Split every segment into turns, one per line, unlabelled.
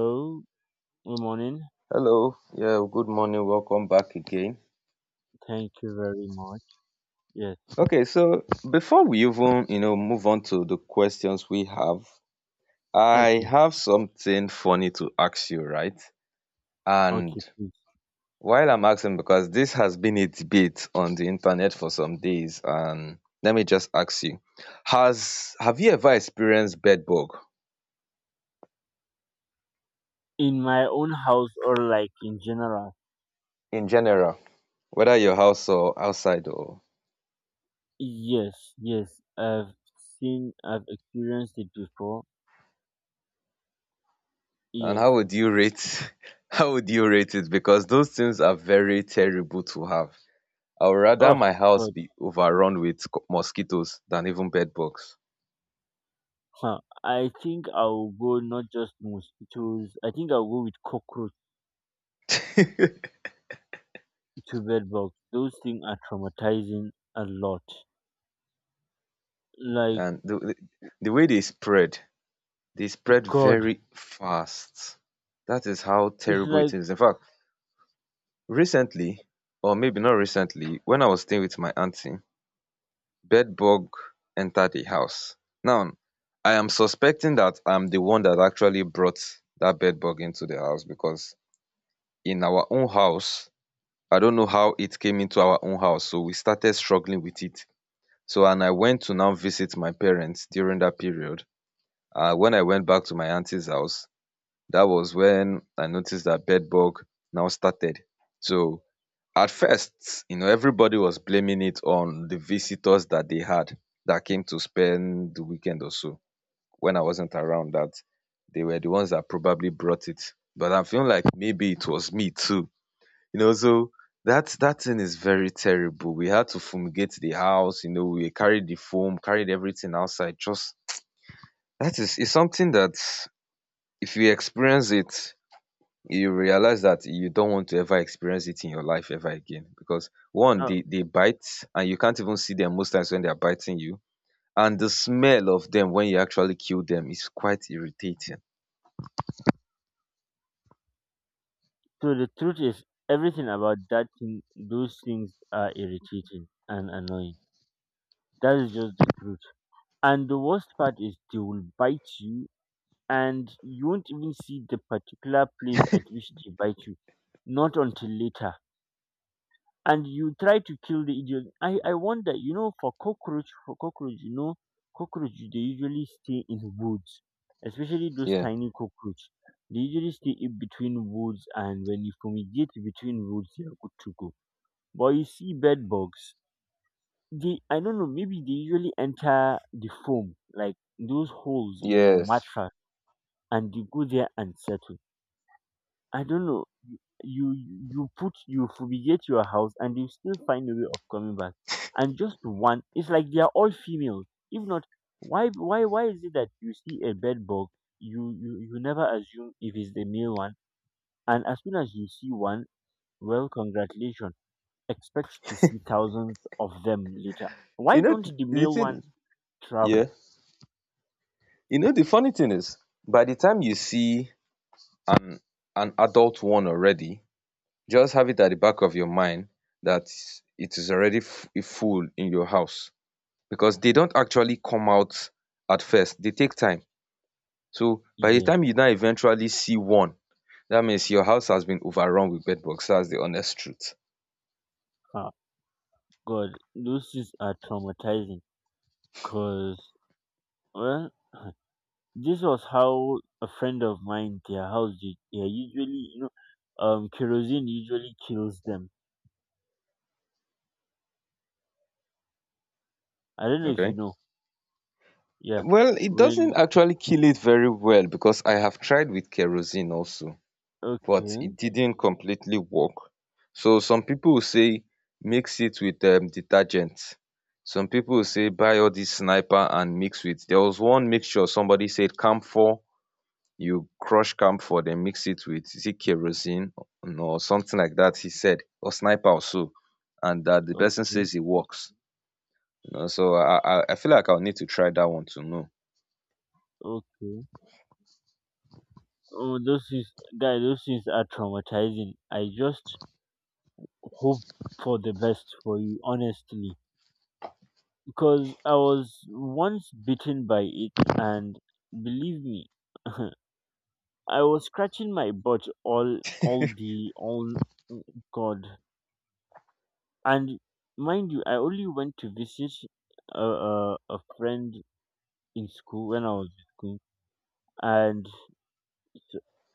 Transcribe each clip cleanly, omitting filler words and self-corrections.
Hello, good morning.
Hello. Yeah, good morning. Welcome back again.
Thank you very much. Yes.
Okay, so before we even, move on to the questions we have, I
Okay.
have something funny to ask you, right? And
Okay, please.
while I'm asking, because this has been a debate on the internet for some days, and let me just ask you, has have you ever experienced bed bug
In my own house or like in general?
in general, whether your house or outside or
Yes, yes. I've seen, I've experienced it before.
and how
Yes.
would you rate how would you rate it? Because those things are very terrible to have. I would rather
Oh,
my house
God.
be overrun with mosquitoes than even bed bugs.
Huh. I think I'll go not just mosquitoes. I think I'll go with cockroach
And
to bed bugs. Those things are traumatizing a lot. Like,
the way they spread
God.
very fast. That is how
It's
terrible it
like,
is. In fact, recently, or maybe not recently, when I was staying with my auntie, bed bug entered the house. Now, I am suspecting that I'm the one that actually brought that bed bug into the house because in our own house, I don't know how it came into our own house. So we started struggling with it. So, and I went to now visit my parents during that period. When I went back to my auntie's house, that was when I noticed that bed bug now started. So at first, you know, everybody was blaming it on the visitors that they had, that came to spend the weekend or so, when I wasn't around, that they were the ones that probably brought it, but I'm feeling like maybe it was me too, you know. So that thing is very terrible. We had to fumigate the house, you know, we carried the foam, carried everything outside. Just that is, it's something that if you experience it, you realize that you don't want to ever experience it in your life ever again. Because one,
uh,
they bite, and you can't even see them most times when they are biting you. And the smell of them when you actually kill them is quite irritating.
so the truth is, everything about that thing, those things are irritating and annoying. That is just the truth. And the worst part is they will bite you, and you won't even see the particular place at which they bite you, not until later. And you try to kill the idiot. I wonder. You know, for cockroach, you know, cockroach, they usually stay in woods, especially those
Yeah.
tiny cockroach. They usually stay in between woods, and when you fumigate between woods, they are good to go. But you see bed bugs, they, I don't know, maybe they usually enter the foam, like those holes in your
Yes.
mattress, and they go there and settle. I don't know. You fumigate your house, and they still find a way of coming back. And just one, it's like they are all females. If not, why is it that you see a bed bug, you never assume if it's the male one, and as soon as you see one, well, congratulations. Expect to see thousands of them later. Why
You know
don't the
the
male one
thing yeah.
travel?
You know the funny thing is, by the time you see an adult one already, just have it at the back of your mind that it is already full in your house, because they don't actually come out at first, they take time. So by the
Yes,
time you now eventually see one, that means your house has been overrun with bed bugs. That's the honest truth.
ah, God, those things are traumatizing because, well, this was how a friend of mine, their house did. Yeah, usually, you know, kerosene usually kills them. I don't know if you
Okay.
know. Yeah.
Well, it doesn't
When?
actually kill it very well, because I have tried with kerosene also, but
Okay.
it didn't completely work. So some people will say mix it with detergent. Some people will say buy all this sniper and mix with. There was one mixture somebody said camphor, you crush camphor den mix it with, is it kerosene or something like that? He said, or sniper or so, and that the person
Okay.
says it works. You know, so I feel like I will need to try that one to know.
Okay. Oh, those things, guy, those things are traumatizing. I just hope for the best for you, honestly, because I was once bitten by it, and believe me, I was scratching my butt, all the all oh, God. And mind you, I only went to visit a friend in school when I was in school. And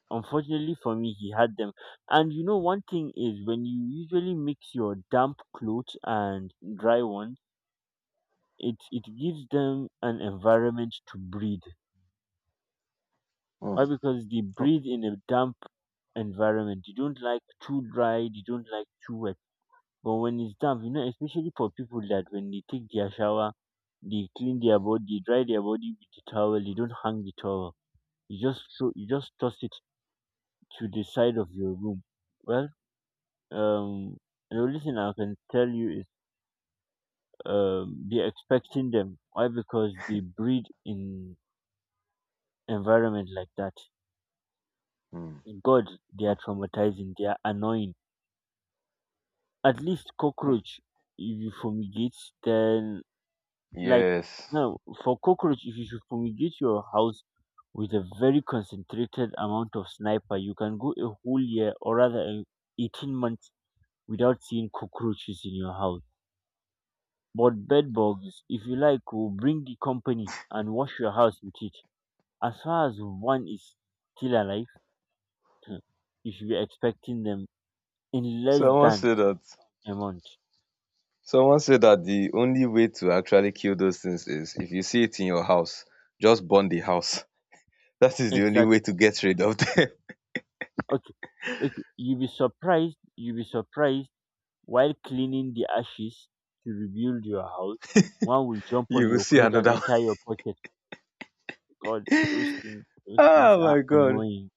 unfortunately for me, he had them. And you know, one thing is, when you usually mix your damp clothes and dry ones, it gives them an environment to breathe. Why?
um
Because they breathe in a damp environment. You don't like too dry, you don't like too wet. But when it's damp, you know, especially for people that when they take their shower, they clean their body, they dry their body with the towel. You don't hang the towel. You just throw, you just toss it to the side of your room. Well, um, the only thing I can tell you is, they're expecting them. Why? Because they breed in environment like that.
um
God, they are traumatizing. They are annoying. At least cockroach, if you fumigate, then... Like,
Yes,
no, for cockroach, if you should fumigate your house with a very concentrated amount of sniper, you can go a whole year, or rather, 18 months without seeing cockroaches in your house. But bed bugs, if you like, will bring the company and wash your house with it. As far as one is still alive, hmm, you should be expecting them in less
someone
than
said that.
a month.
Someone said that the only way to actually kill those things is if you see it in your house, just burn the house. That is the only way
Exactly.
to get rid of them.
Okay. Okay. You'll be surprised. You'll be surprised. While cleaning the ashes to rebuild your house, one will jump on
You will
your
see
clothes and
another one.
enter your pocket. God, those things
Oh
are
my god.
annoying.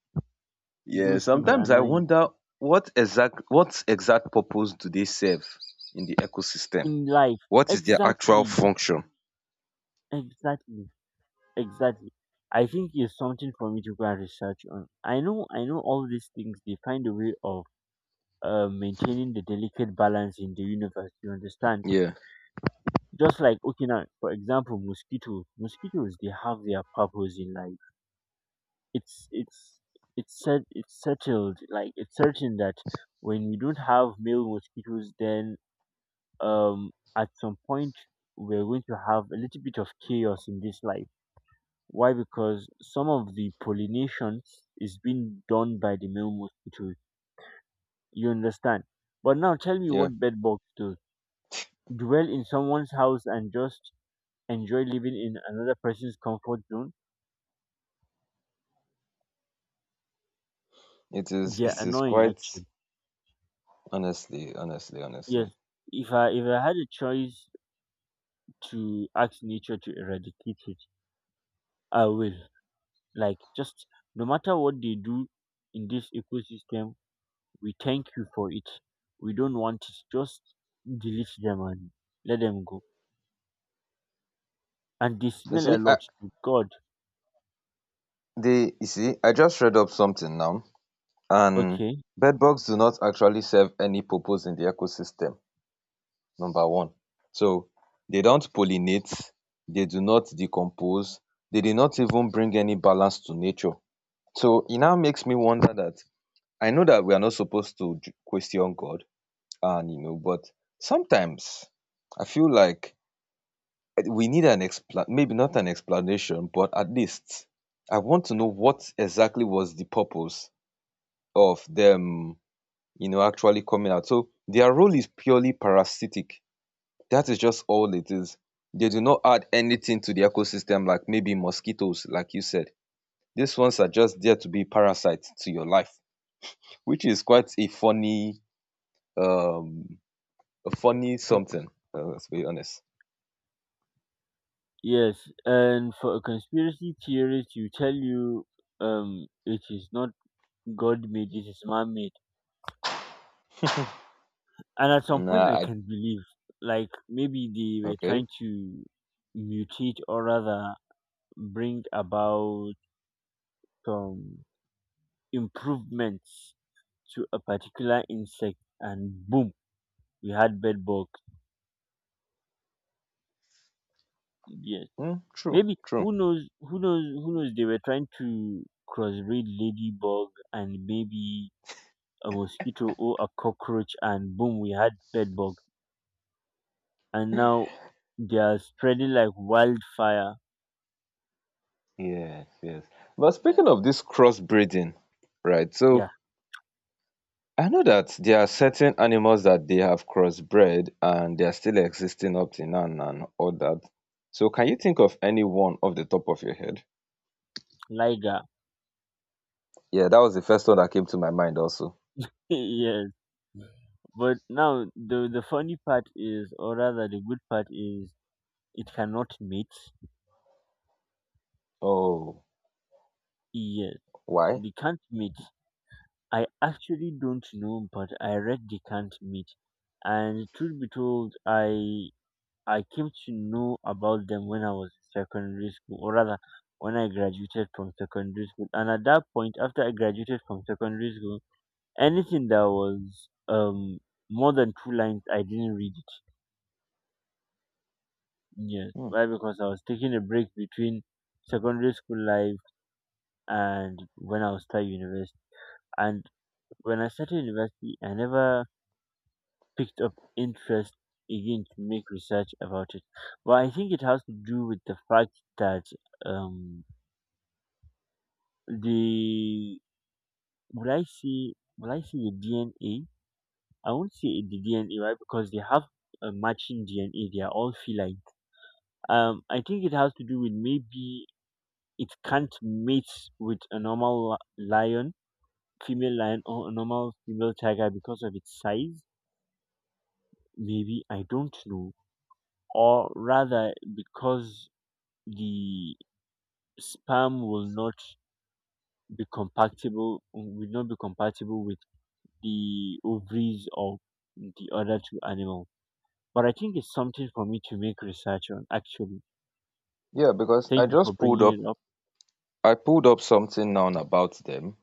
Yeah,
Those things are
sometimes I
annoying
wonder what exact purpose do they serve in the ecosystem,
in life.
what is their actual
Exactly,
function.
exactly, exactly. I think it's something for me to go and research on. I know all these things. They find a way of maintaining the delicate balance in the universe. You understand?
Yeah.
Just like, okay, now for example, mosquitoes. Mosquitoes, they have their purpose in life. It's it's it's set it's settled, like it's certain that when we don't have male mosquitoes, then, um at some point, we're going to have a little bit of chaos in this life. Why? Because some of the pollination is being done by the male mosquitoes, you understand? But now tell me
Yeah,
what bed bugs do. Dwell in someone's house and just enjoy living in another person's comfort zone.
it is
They're
it is
annoying,
quite,
actually.
honestly, honestly,
Yes,
honestly.
if I had a choice to ask nature to eradicate it, I will. Like, just, no matter what they do in this ecosystem, we thank you for it. We don't want it. Just delete them and let them go. And they
you
smell a
see i
lot to God.
you see, I just read up something now, and
Okay.
bedbugs do not actually serve any purpose in the ecosystem, number one. So they don't pollinate, they do not decompose, they did not even bring any balance to nature. So it now makes me wonder that I know that we are not supposed to question God, and you know, but sometimes I feel like we need an expla maybe not an explanation, but at least I want to know what exactly was the purpose of them, you know, actually coming out. So their role is purely parasitic. That is just all it is. They do not add anything to the ecosystem, like maybe mosquitoes, like you said. These ones are just there to be parasites to your life, which is quite um, a funny
Y-
something. Let's be honest.
Yes. And for a conspiracy theorist, you tell you, it is not God made, it is man made. And at some point
Nah,
I
I.
can believe, like maybe they were
Okay.
trying to mutate, or rather, bring about um, improvements to a particular insect, and boom, we had bed bugs. Yes,
Mm, true,
maybe,
true.
who knows, who knows, who knows, they were trying to crossbreed ladybug and maybe a mosquito or a cockroach, and boom, we had bed bug. And now they are spreading like wildfire.
Yes, yes. But
Yeah.
speaking of this crossbreeding, right? So
Yeah.
I know that there are certain animals that they have crossbred and they are still existing up till now and all that. So can you think of any one off the top of your head?
Liger.
Yeah, that was the first one that came to my mind also.
Yes. But now the funny part is, or rather, the good part is, it cannot mate.
Oh,
Yeah,
why?
the not meet. I actually don't know, but I read the not meet, and truth be told, I came to know about them when I was in secondary school, or rather, when I graduated from secondary school. And at that point, after I graduated from secondary school, anything that was more than two lines, I didn't read it. Yes,
Hmm.
why? Because I was taking a break between secondary school life and when I was at university. And when I started university, I never picked up interest again to make research about it. But I think it has to do with the fact that, um, the, would I say the DNA? I won't say it the DNA, right? Because they have a matching DNA. They are all feline. I think it has to do with maybe it can't mate with a normal lion, female lion, or a normal female tiger because of its size. Maybe I don't know, or rather because the sperm will not be compatible with the ovaries of the other two animals. But I think it's something for me to make research on. Actually,
Yeah, because I
thank you for
just pulled
bringing
up,
it up.
I pulled up something now about them,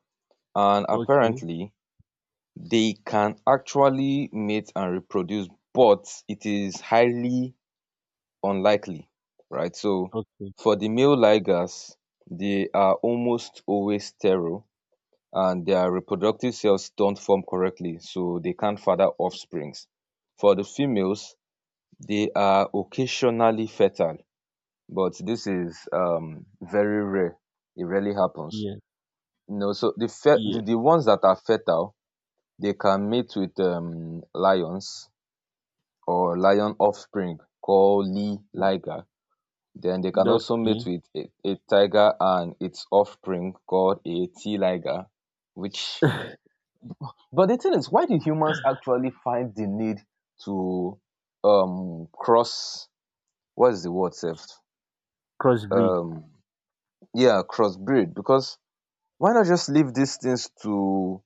and
Okay,
apparently they can actually mate and reproduce, but it is highly unlikely, right? So
okay,
for the male ligars, they are almost always sterile, and their reproductive cells don't form correctly, so they can't father offsprings. For the females, they are occasionally fertile, but this is very rare. It rarely happens.
yeah,
You know, so the fe-
yeah,
the, the ones that are fertile, they can mate with lions or lion offspring called Lee
mm,
liger. Then they can also mate
okay.
with a tiger and its offspring called a T liger, which. But the thing is, why do humans actually find the need to cross, what is the word self?
Crossbreed.
Um yeah, crossbreed. Because why not just leave these things to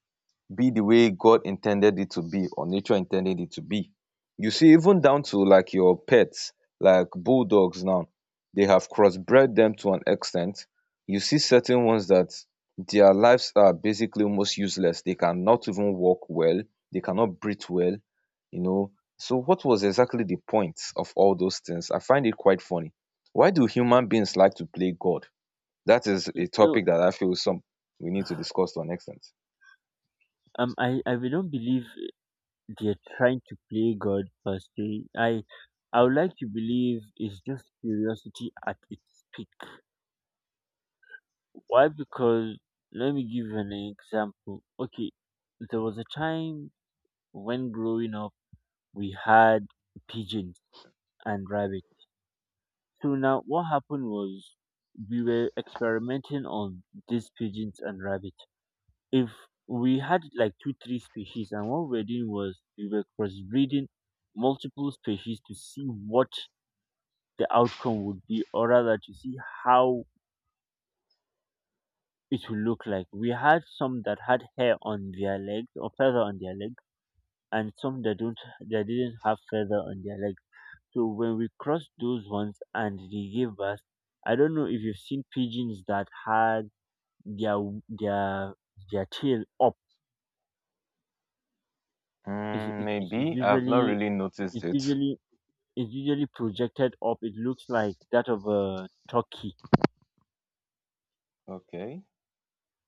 be the way God intended it to be, or nature intended it to be. You see, even down to like your pets, like bulldogs now, they have crossbred them to an extent. You see certain ones that their lives are basically almost useless. They cannot even walk well. They cannot breathe well, you know. So what was exactly the point of all those things? I find it quite funny. Why do human beings like to play God? That is
Mm,
a
no,
topic that I feel some, we need to discuss to an extent.
I will not believe they're trying to play God, but they, I would like to believe it's just curiosity at its peak. Why? Because let me give you an example. Okay, there was a time when growing up we had pigeons and rabbits. So now what happened was, we were experimenting on these pigeons and rabbits. If we had like two, three species, and what we were doing was we were crossbreeding multiple species to see what the outcome would be, or rather, to see how it will look like. We had some that had hair on their legs or feather on their legs, and some that don't, that didn't have feather on their legs. So when we crossed those ones and they gave birth, I don't know if you've seen pigeons that had their their their tail up. It's,
Mm,
it's, it's
maybe I've not
usually
really noticed
it's
it.
usually it's usually projected up. It looks like that of a turkey.
Okay.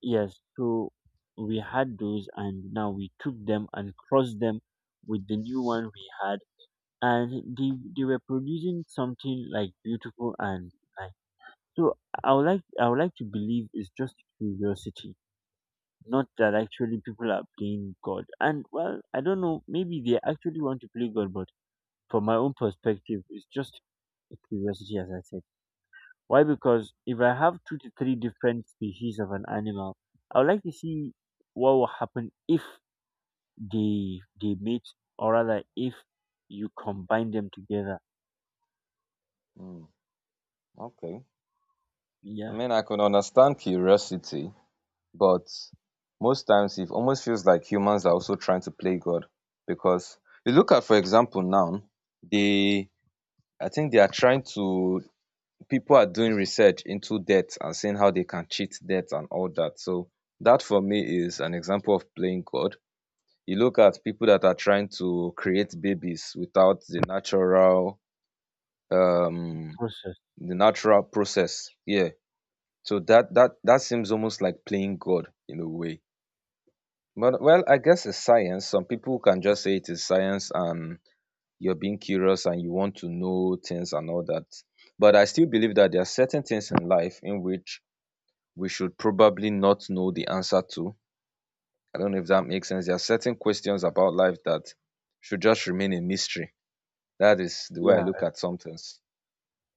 Yes, so we had those, and now we took them and crossed them with the new one we had, and they were producing something like beautiful and nice. So I would like to believe it's just curiosity, not that actually people are playing God. And well, I don't know, maybe they actually want to play God, but from my own perspective, it's just curiosity, as I said. Why? Because if I have two to three different species of an animal, I would like to see what will happen if they mate, or rather, if you combine them together.
Mm, okay. I
Yeah,
mean, I can understand curiosity, but most times it almost feels like humans are also trying to play God, because you look at, for example, now they, I think they are trying to, people are doing research into debt and seeing how they can cheat debt and all that. So that for me is an example of playing God. You look at people that are trying to create babies without the natural um
process.
the natural process. Yeah, so that seems almost like playing god in a way. But well, I guess it's science. Some people can just say it is science, and you're being curious and you want to know things and all that. But I still believe that there are certain things in life in which we should probably not know the answer to. I don't know if that makes sense. There are certain questions about life that should just remain a mystery. That is the way I
Yeah,
look at some things.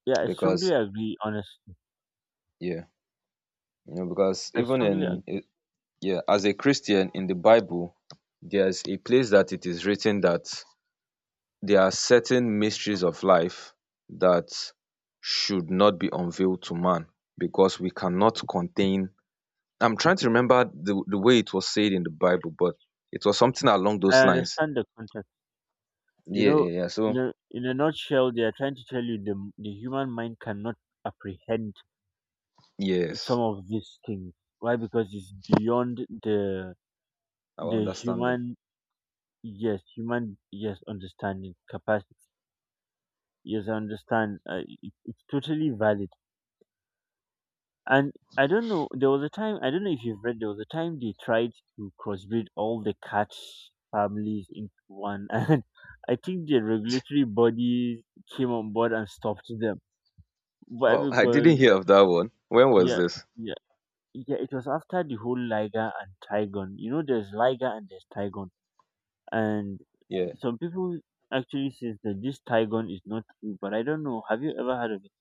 yeah. I strongly
Because,
agree. Honestly,
yeah, you know, because
I
even in,
strongly agree.
yeah, as a Christian in the Bible, there's a place that it is written that there are certain mysteries of life that should not be unveiled to man, because we cannot contain. I'm trying to remember the way it was said in the Bible, but it was something along
I
those lines.
understand the context. You
Yeah,
know,
yeah, yeah. So,
in a nutshell, they are trying to tell you, the human mind cannot apprehend some
yes,
of these things. Why? Because it's beyond the
our
the
understanding.
human, yes, human, yes, understanding capacity. Yes, I understand. It's totally valid. And I don't know, there was a time, I don't know if you've read, there was a time they tried to crossbreed all the cat families into one. And I think the regulatory bodies came on board and stopped them. Why?
Well, I didn't
Because...
hear of that one. When was
Yeah,
this?
yeah, yeah. It was after the whole liger and tigon. You know, there's liger and there's tigon. And
Yeah,
some people actually says that this Tigon is not true, but I don't know. Have you ever heard of it?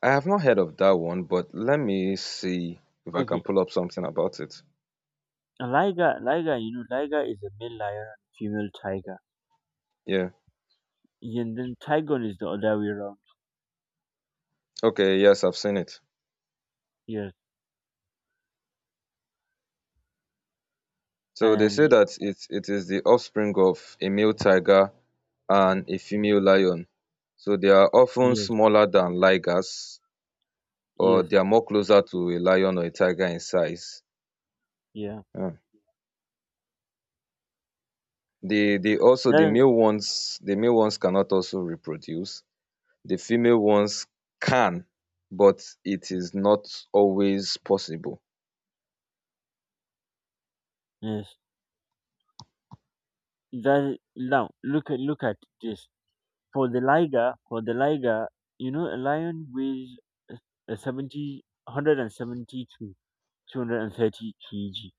I have not heard of that one, but let me see if I can
Okay,
pull up something about it.
a liger, you know, liger is a male lion and female tiger.
Yeah.
Yeah, and then Tigon is the other way around.
Okay, yes, I've seen it.
Yes,
So they say
and
that it is the offspring of a male tiger and a female lion. So they are often
yes,
smaller than ligers, or
yes,
they are more closer to a lion or a tiger in size.
yeah.
Hmm. they the Also
That
the
is,
male ones, the male ones cannot also reproduce. The female ones can, but it is not always possible.
yes. Now look at this. For the liger, you know, a lion weighs a a 70, 170 to 230 kg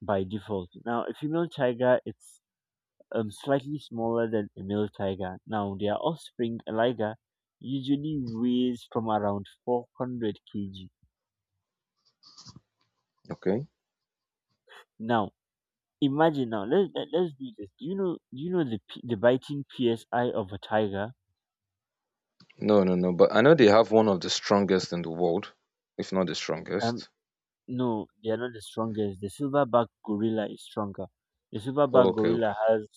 by default. Now, a female tiger, it's slightly smaller than a male tiger. Now, their offspring, a liger, usually weighs from around 400 kg.
Okay.
Now, imagine now. Let's do this. Do you know the biting psi of a tiger?
No, no, no. But I know they have one of the strongest in the world, if not the
Um,
strongest.
no, they are not the strongest. The silverback gorilla is stronger. The silverback
Okay,
gorilla
okay.
has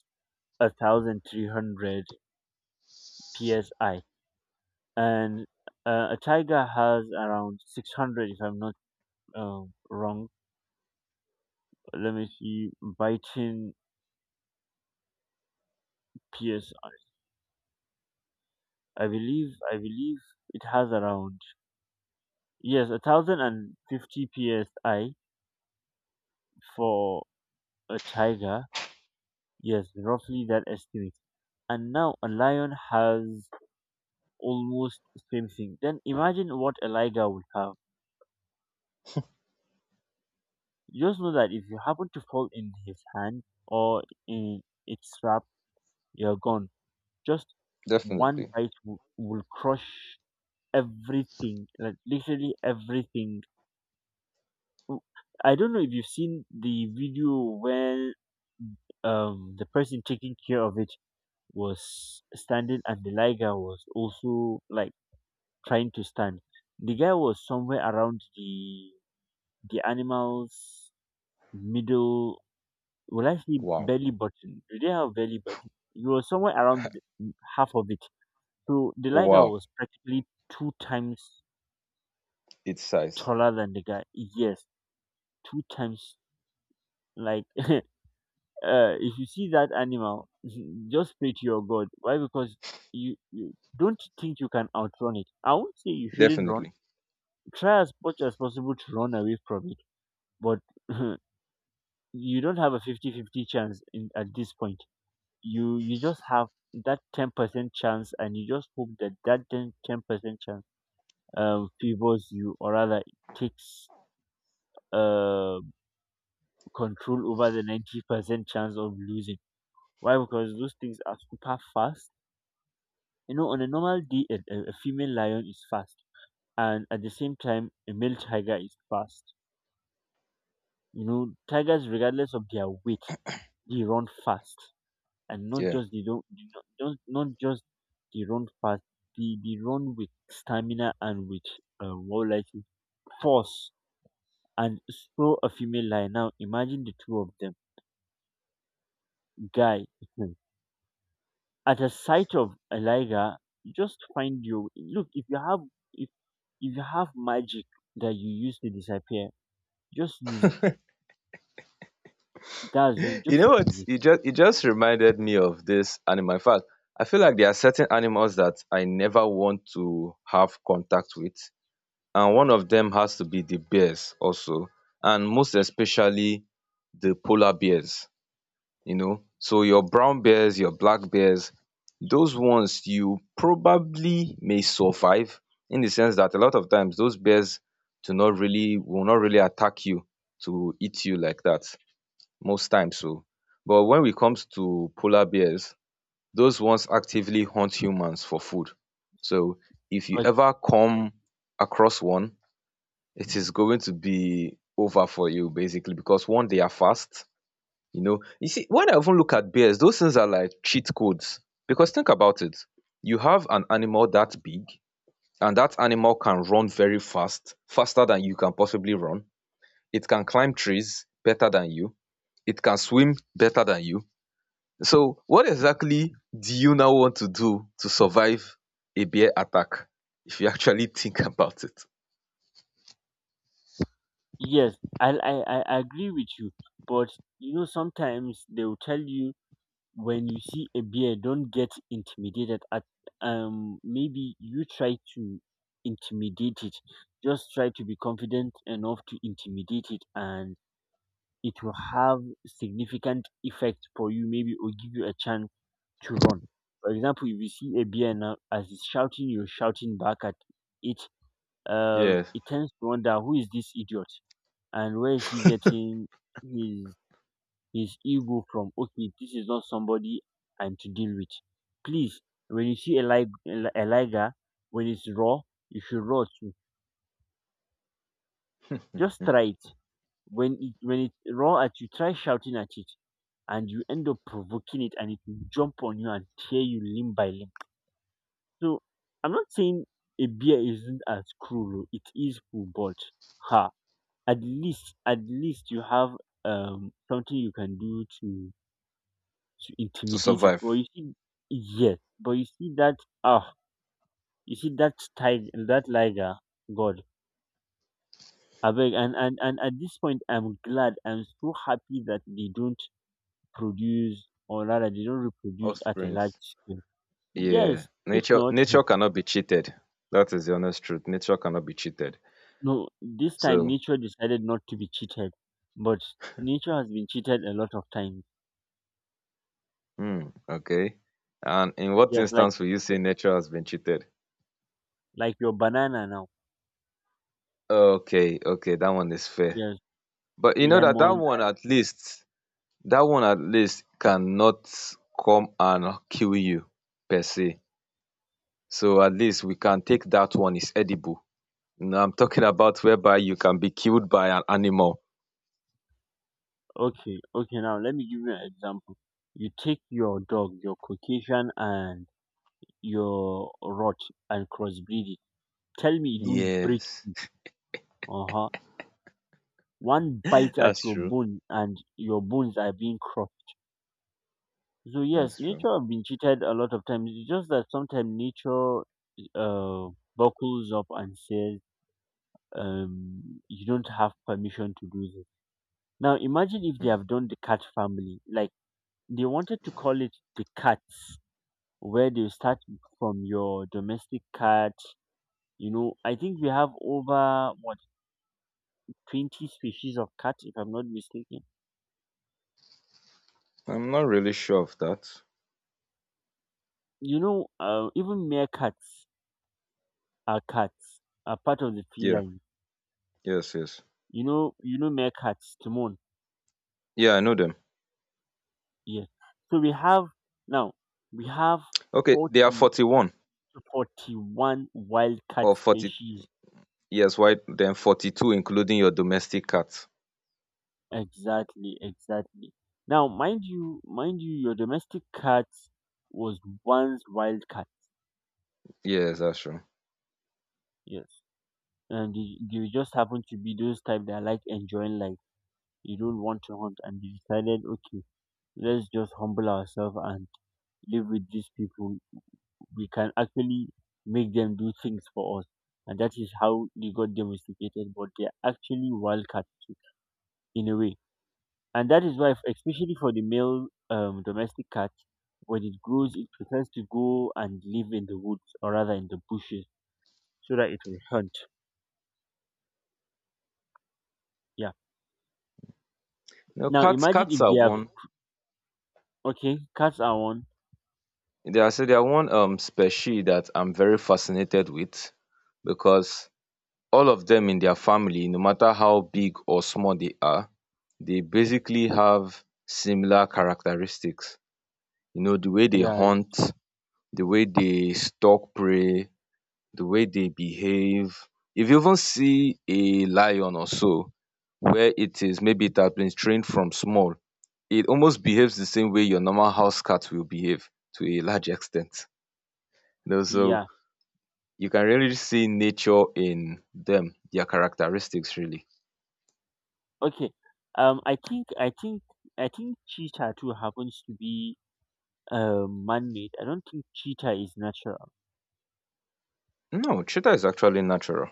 1,300 psi, and a tiger has around 600. If I'm not wrong, let me see. Biting PS. I believe it has around, yes, 1,050 PSI for a tiger. Yes, roughly that estimate. And now a lion has almost the same thing. Then imagine what a liger would have. Just know that if you happen to fall in his hand or in its trap, you're gone. Just one
Definitely.
bite will, crush everything, like literally everything. w- I don't know if you've seen the video when the person taking care of it was standing and the liger was also like trying to stand. The guy was somewhere around the animal's middle, well, actually
Wow.
belly button. Do they have belly button? He was somewhere around the, half of it. So the liger
Wow.
was practically two times
Its size.
taller than the guy. Yes, two times, like, if you see that animal, just pray to your God. Why? Because you don't think you can outrun it. I won't say you shouldn't run.
Definitely.
Try as much as possible to run away from it, but you don't have a fifty-fifty chance in, at this point. You just have that 10% chance, and you just hope that 10, 10% chance favors you, or rather, it takes uh, control over the 90% chance of losing. Why? Because those things are super fast. You know, on a normal day, a female lion is fast, and at the same time, a male tiger is fast. You know, tigers, regardless of their weight, they run fast, and not
Yeah.
just they don't, they not, don't not just they run fast. They run with stamina and with what would I say, force. And so a female lion. Now imagine the two of them, guy. At the sight of Eliga, you just find you. Look, if you have, if if you have magic that you use to disappear, just use it. That's just
You know
just use
what?
it.
It just reminded me of this animal. In fact, I feel like there are certain animals that I never want to have contact with. And one of them has to be the bears also. And most especially the polar bears. You know. So your brown bears, your black bears, those ones you probably may survive, in the sense that a lot of times those bears do not really, will not really attack you to eat you like that most times so. But when it comes to polar bears, those ones actively hunt humans for food. So if you
But
ever come across one, it is going to be over for you basically because one, they are fast. You see, when I even look at bears, those things are like cheat codes. Because think about it. You have an animal that big, and that animal can run very fast, faster than you can possibly run. It can climb trees better than you. It can swim better than you. So, what exactly do you now want to do to survive a bear attack? If you actually think about it.
yes, I agree with you. But you know, sometimes they will tell you when you see a bear, don't get intimidated. At, maybe you try to intimidate it. Just try to be confident enough to intimidate it and it will have significant effect for you, maybe, or give you a chance to run. For example, if you see a bear now as it's shouting, you're shouting back at it. Uh,
Yeah.
it tends to wonder, who is this idiot and where is he getting his his ego from? Okay, this is not somebody I'm to deal with. Please, when you see a liger, when it's raw, you should raw too. Just
Mm.
try it. When it roar at you, try shouting at it, and you end up provoking it and it will jump on you and tear you limb by limb. So I'm not saying a bear isn't as cruel. Oh, it is cruel, but ha at least you have something you can do to
To
intimidate it. But
survive.
you see, yes, but you see that, ah you see that tiger, that liger, God. I beg. And at this point, I'm so happy that they don't produce, or rather, they don't reproduce at a large
Offsprings.
scale.
Yeah,
Yes, if
nature
not,
nature cannot be cheated. That is the honest truth. Nature cannot be cheated.
no, this time
So,
nature decided not to be cheated, but nature has been cheated a lot of times.
hmm, okay. And in what
Yes, like
instance will you say nature has been cheated?
your banana now.
Okay, okay, that one is fair.
Yes,
But you know that
lemon.
that one at least cannot come and kill you per se. So at least we can take that one is edible. Now I'm talking about whereby you can be killed by an animal.
Okay, okay. Now let me give you an example. You take your dog, your Caucasian, and your rot and crossbreed it. Tell me you don't break.
Yes,
Uh huh. One bite at
that's
your
true.
bone and your bones are being crushed. So yes,
That's true.
nature have been cheated a lot of times. It's just that sometimes nature uh, buckles up and says, "You don't have permission to do this." Now imagine if they have done the cat family, like they wanted to call it the cats, where they start from your domestic cat. You know, I think we have over, what, 20 species of cat, if I'm not mistaken.
I'm not really sure of that.
You know, even mere cats, are part of the
Yeah,
feline.
yes, yes.
You know, you know, meerkats to moon.
Yeah, I know them.
Yeah. So we have, now we have
Okay, they are
40
41
to 41 wildcat
or 40.
species.
Yes, why then 42 including your domestic cat.
Exactly, exactly. Now mind you, your domestic cat was once wildcat.
Yes, that's true.
Yes, and they just happen to be those type that like enjoying life. You don't want to hunt, and they decided, okay, let's just humble ourselves and live with these people. We can actually make them do things for us. And that is how they got domesticated, but they're actually wild cats too, in a way. And that is why, especially for the male domestic cat, when it grows, it prefers to go and live in the woods, or rather, in the bushes, so that it will hunt. Yeah.
No,
Now
cats
imagine if
cats are
they have,
one.
okay, cats are one.
They are say they are one species that I'm very fascinated with because all of them in their family, no matter how big or small they are, they basically have similar characteristics. You know, the way they
Yeah,
hunt, the way they stalk prey, the way they behave. If you even see a lion or so, where it is, maybe it has been trained from small, it almost behaves the same way your normal house cat will behave to a large extent. You know, so
yeah.
you can really see nature in them, their characteristics really.
Okay. Um, I think I think I think cheetah too happens to be man-made. I don't think cheetah is natural.
No, cheetah is actually natural.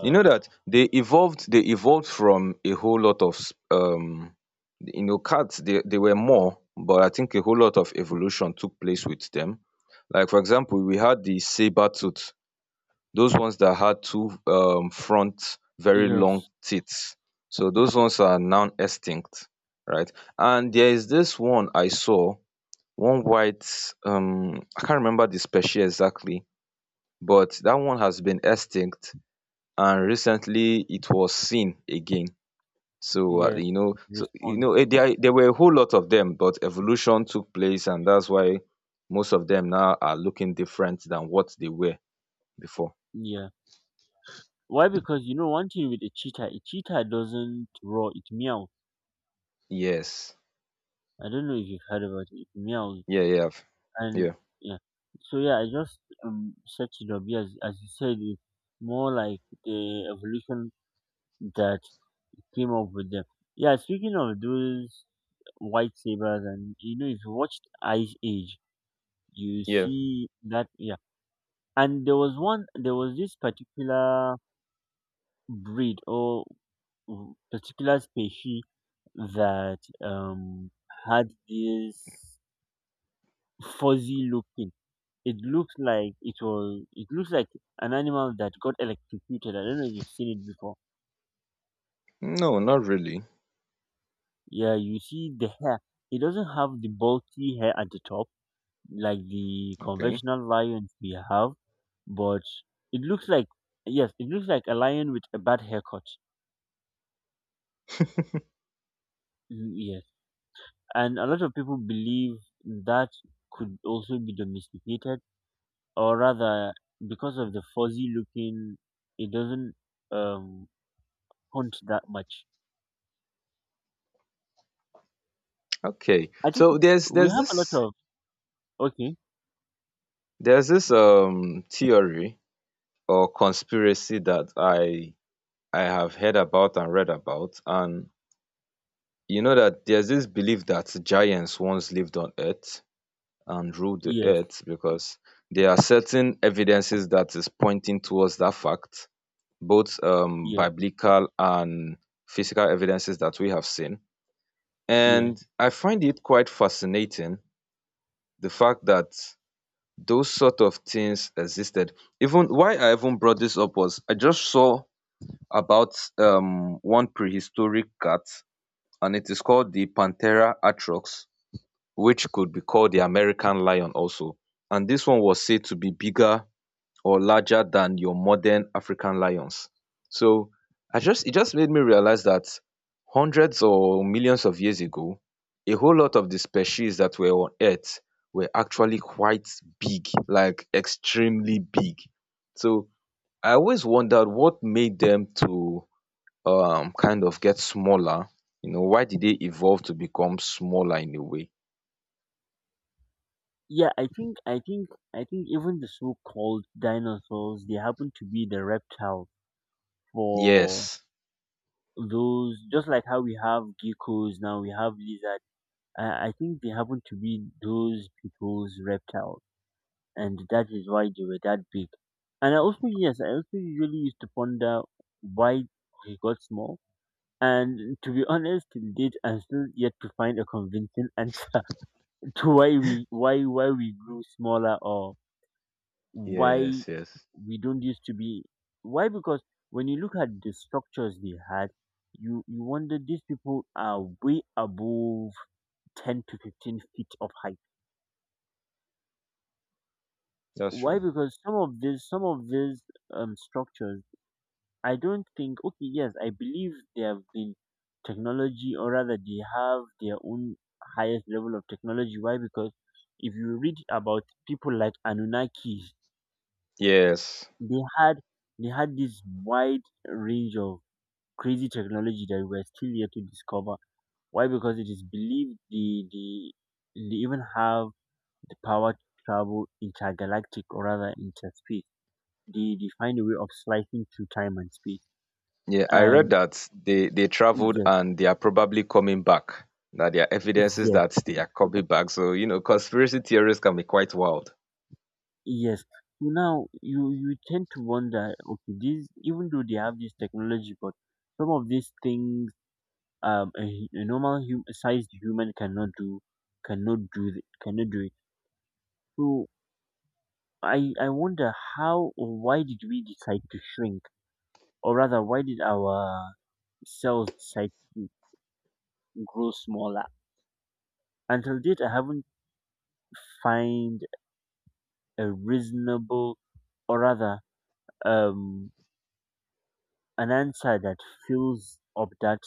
You know that they evolved from a whole lot of you know, cats. They were more, but I think a whole lot of evolution took place with them. Like for example, we had the saber tooth, those ones that had two front very long
yes,
teeth. So those ones are now extinct, right? And there is this one I saw, one white, I can't remember the species exactly, but that one has been extinct and recently it was seen again. So
yes, it respond.
there were a whole lot of them, but evolution took place, and that's why most of them now are looking different than what they were before.
Yeah. Why? Because you know one thing with a cheetah doesn't roar, it meow.
Yes.
I don't know if you've heard about it. It meows,
Yeah, yeah. I've-
and
Yeah.
yeah. So yeah, I just searched it up. Yes, as you said, it's more like the evolution that came up with them. Yeah, speaking of those white sabers, and you know, if you watched Ice Age, you
Yeah.
see that, yeah. And there was one, there was this particular breed, or particular species that had this fuzzy looking. It looks like it was. It looks like an animal that got electrocuted. I don't know if you've seen it before.
No, not really.
Yeah, you see the hair. It doesn't have the bulky hair at the top like the
Okay.
conventional lions we have, but it looks like, yes, it looks like a lion with a bad haircut. Mm, yes. And a lot of people believe that could also be domesticated, or rather, because of the fuzzy looking, it doesn't um hunt that much.
Okay.
I think
So there's
we
there's
have a lot
this,
of, okay,
there's this theory or conspiracy that I have heard about and read about. And you know that there's this belief that giants once lived on earth and ruled the
yes,
earth, because there are certain evidences that is pointing towards that fact, both
yes,
biblical and physical evidences that we have seen.
yeah,
And I find it quite fascinating, the fact that those sort of things existed. Even why I even brought this up was I just saw about one prehistoric cat, and it is called the Panthera atrox, which could be called the American lion also, and this one was said to be bigger or larger than your modern African lions. So I just, it just made me realize that hundreds or millions of years ago, a whole lot of the species that were on Earth were actually quite big, like extremely big. So I always wondered what made them to kind of get smaller. You know, why did they evolve to become smaller in a way?
yeah. I think even the so-called dinosaurs, they happen to be the reptile for
Yes.
those, just like how we have geckos, now we have lizard. I think they happen to be those people's reptiles, and that is why they were that big. And I also, yes, I also usually used to ponder why they got small. And to be honest, till date, I'm still yet to find a convincing answer to why we, why we grew smaller, or why
Yes, yes,
we don't used to be. Why? Because when you look at the structures they had, you wonder, these people are way above 10 to 15 feet of height.
that's
Why?
true.
Because some of these structures, I don't think, okay, yes, I believe they have been technology, or rather, they have their own highest level of technology. Why? Because if you read about people like Anunnaki,
Yes,
they had they had this wide range of crazy technology that we're still yet to discover. Why? Because it is believed they even have the power to travel intergalactic, or rather, interspace. They find a way of slicing through time and space.
yeah, I read
And
that they traveled
yes,
and they are probably coming back. Now there are evidences
yes.
that they are coming back. So you know, conspiracy theories can be quite wild.
Yes. So now you tend to wonder, okay, these, even though they have this technology, but some of these things, a normal sized human cannot do, cannot do it. So I wonder how, or why did we decide to shrink, or rather, why did our cells decide to grow smaller? Until date, I haven't find a reasonable, or rather, um, an answer that fills up that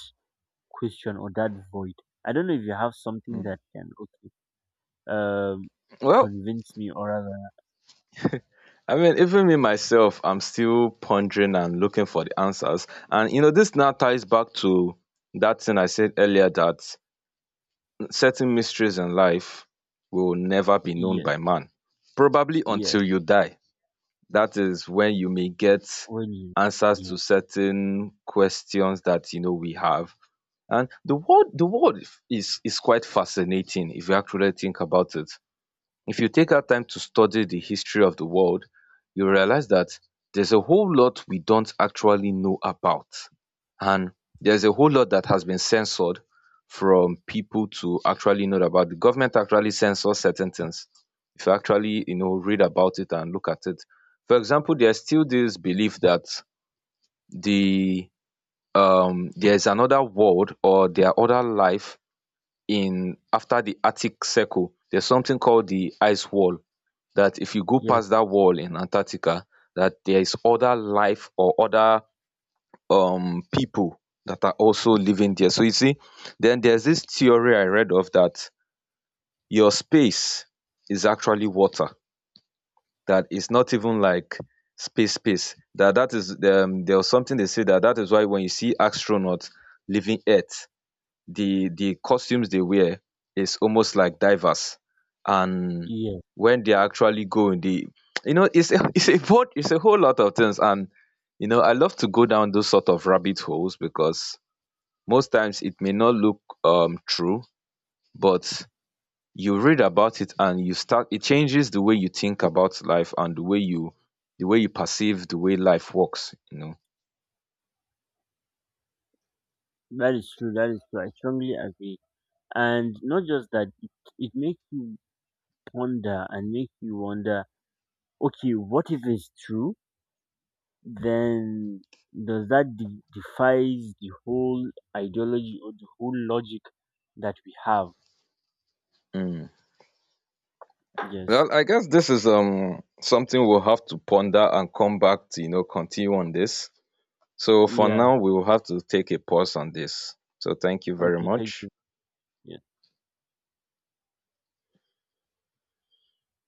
question or that void. I don't know if you have something
Mm.
that can, okay, um
Well,
convince me, or rather,
even me myself, I'm still pondering and looking for the answers. And you know, this now ties back to that thing I said earlier, that certain mysteries in life will never be known
yes,
by man, probably
yes,
until you die. That is when you may get
when you,
answers
yes,
to certain questions that you know we have. And the world is quite fascinating if you actually think about it. If you take out time to study the history of the world, you realize that there's a whole lot we don't actually know about. And there's a whole lot that has been censored from people to actually know about. The government actually censors certain things, if you actually, you know, read about it and look at it. For example, there's still this belief that the there's another world, or there are other life in after the Arctic Circle. There's something called the ice wall, that if you go
yes,
past that wall in Antarctica, that there is other life or other people that are also living there. So you see, then there's this theory I read of, that your space is actually water. That it's not even like space space. That that is there was something they say that that is why when you see astronauts leaving Earth, the costumes they wear is almost like divers. And
yes,
when they actually go in the, you know, it's a whole lot of things. And you know, I love to go down those sort of rabbit holes because most times it may not look true, but you read about it and you start, it changes the way you think about life and the way you, the way you perceive the way life works, you know.
that is true, that is true, I strongly agree. And not just that, it makes you ponder and makes you wonder, okay, what if it's true? Then does that defies the whole ideology or the whole logic that we have?
Mm.
Yes,
Well, I guess this is something we'll have to ponder and come back to, you know, continue on this. So for
yeah.
now, we will have to take a pause on this. So thank you very
Okay, thank
much.
you. Yeah.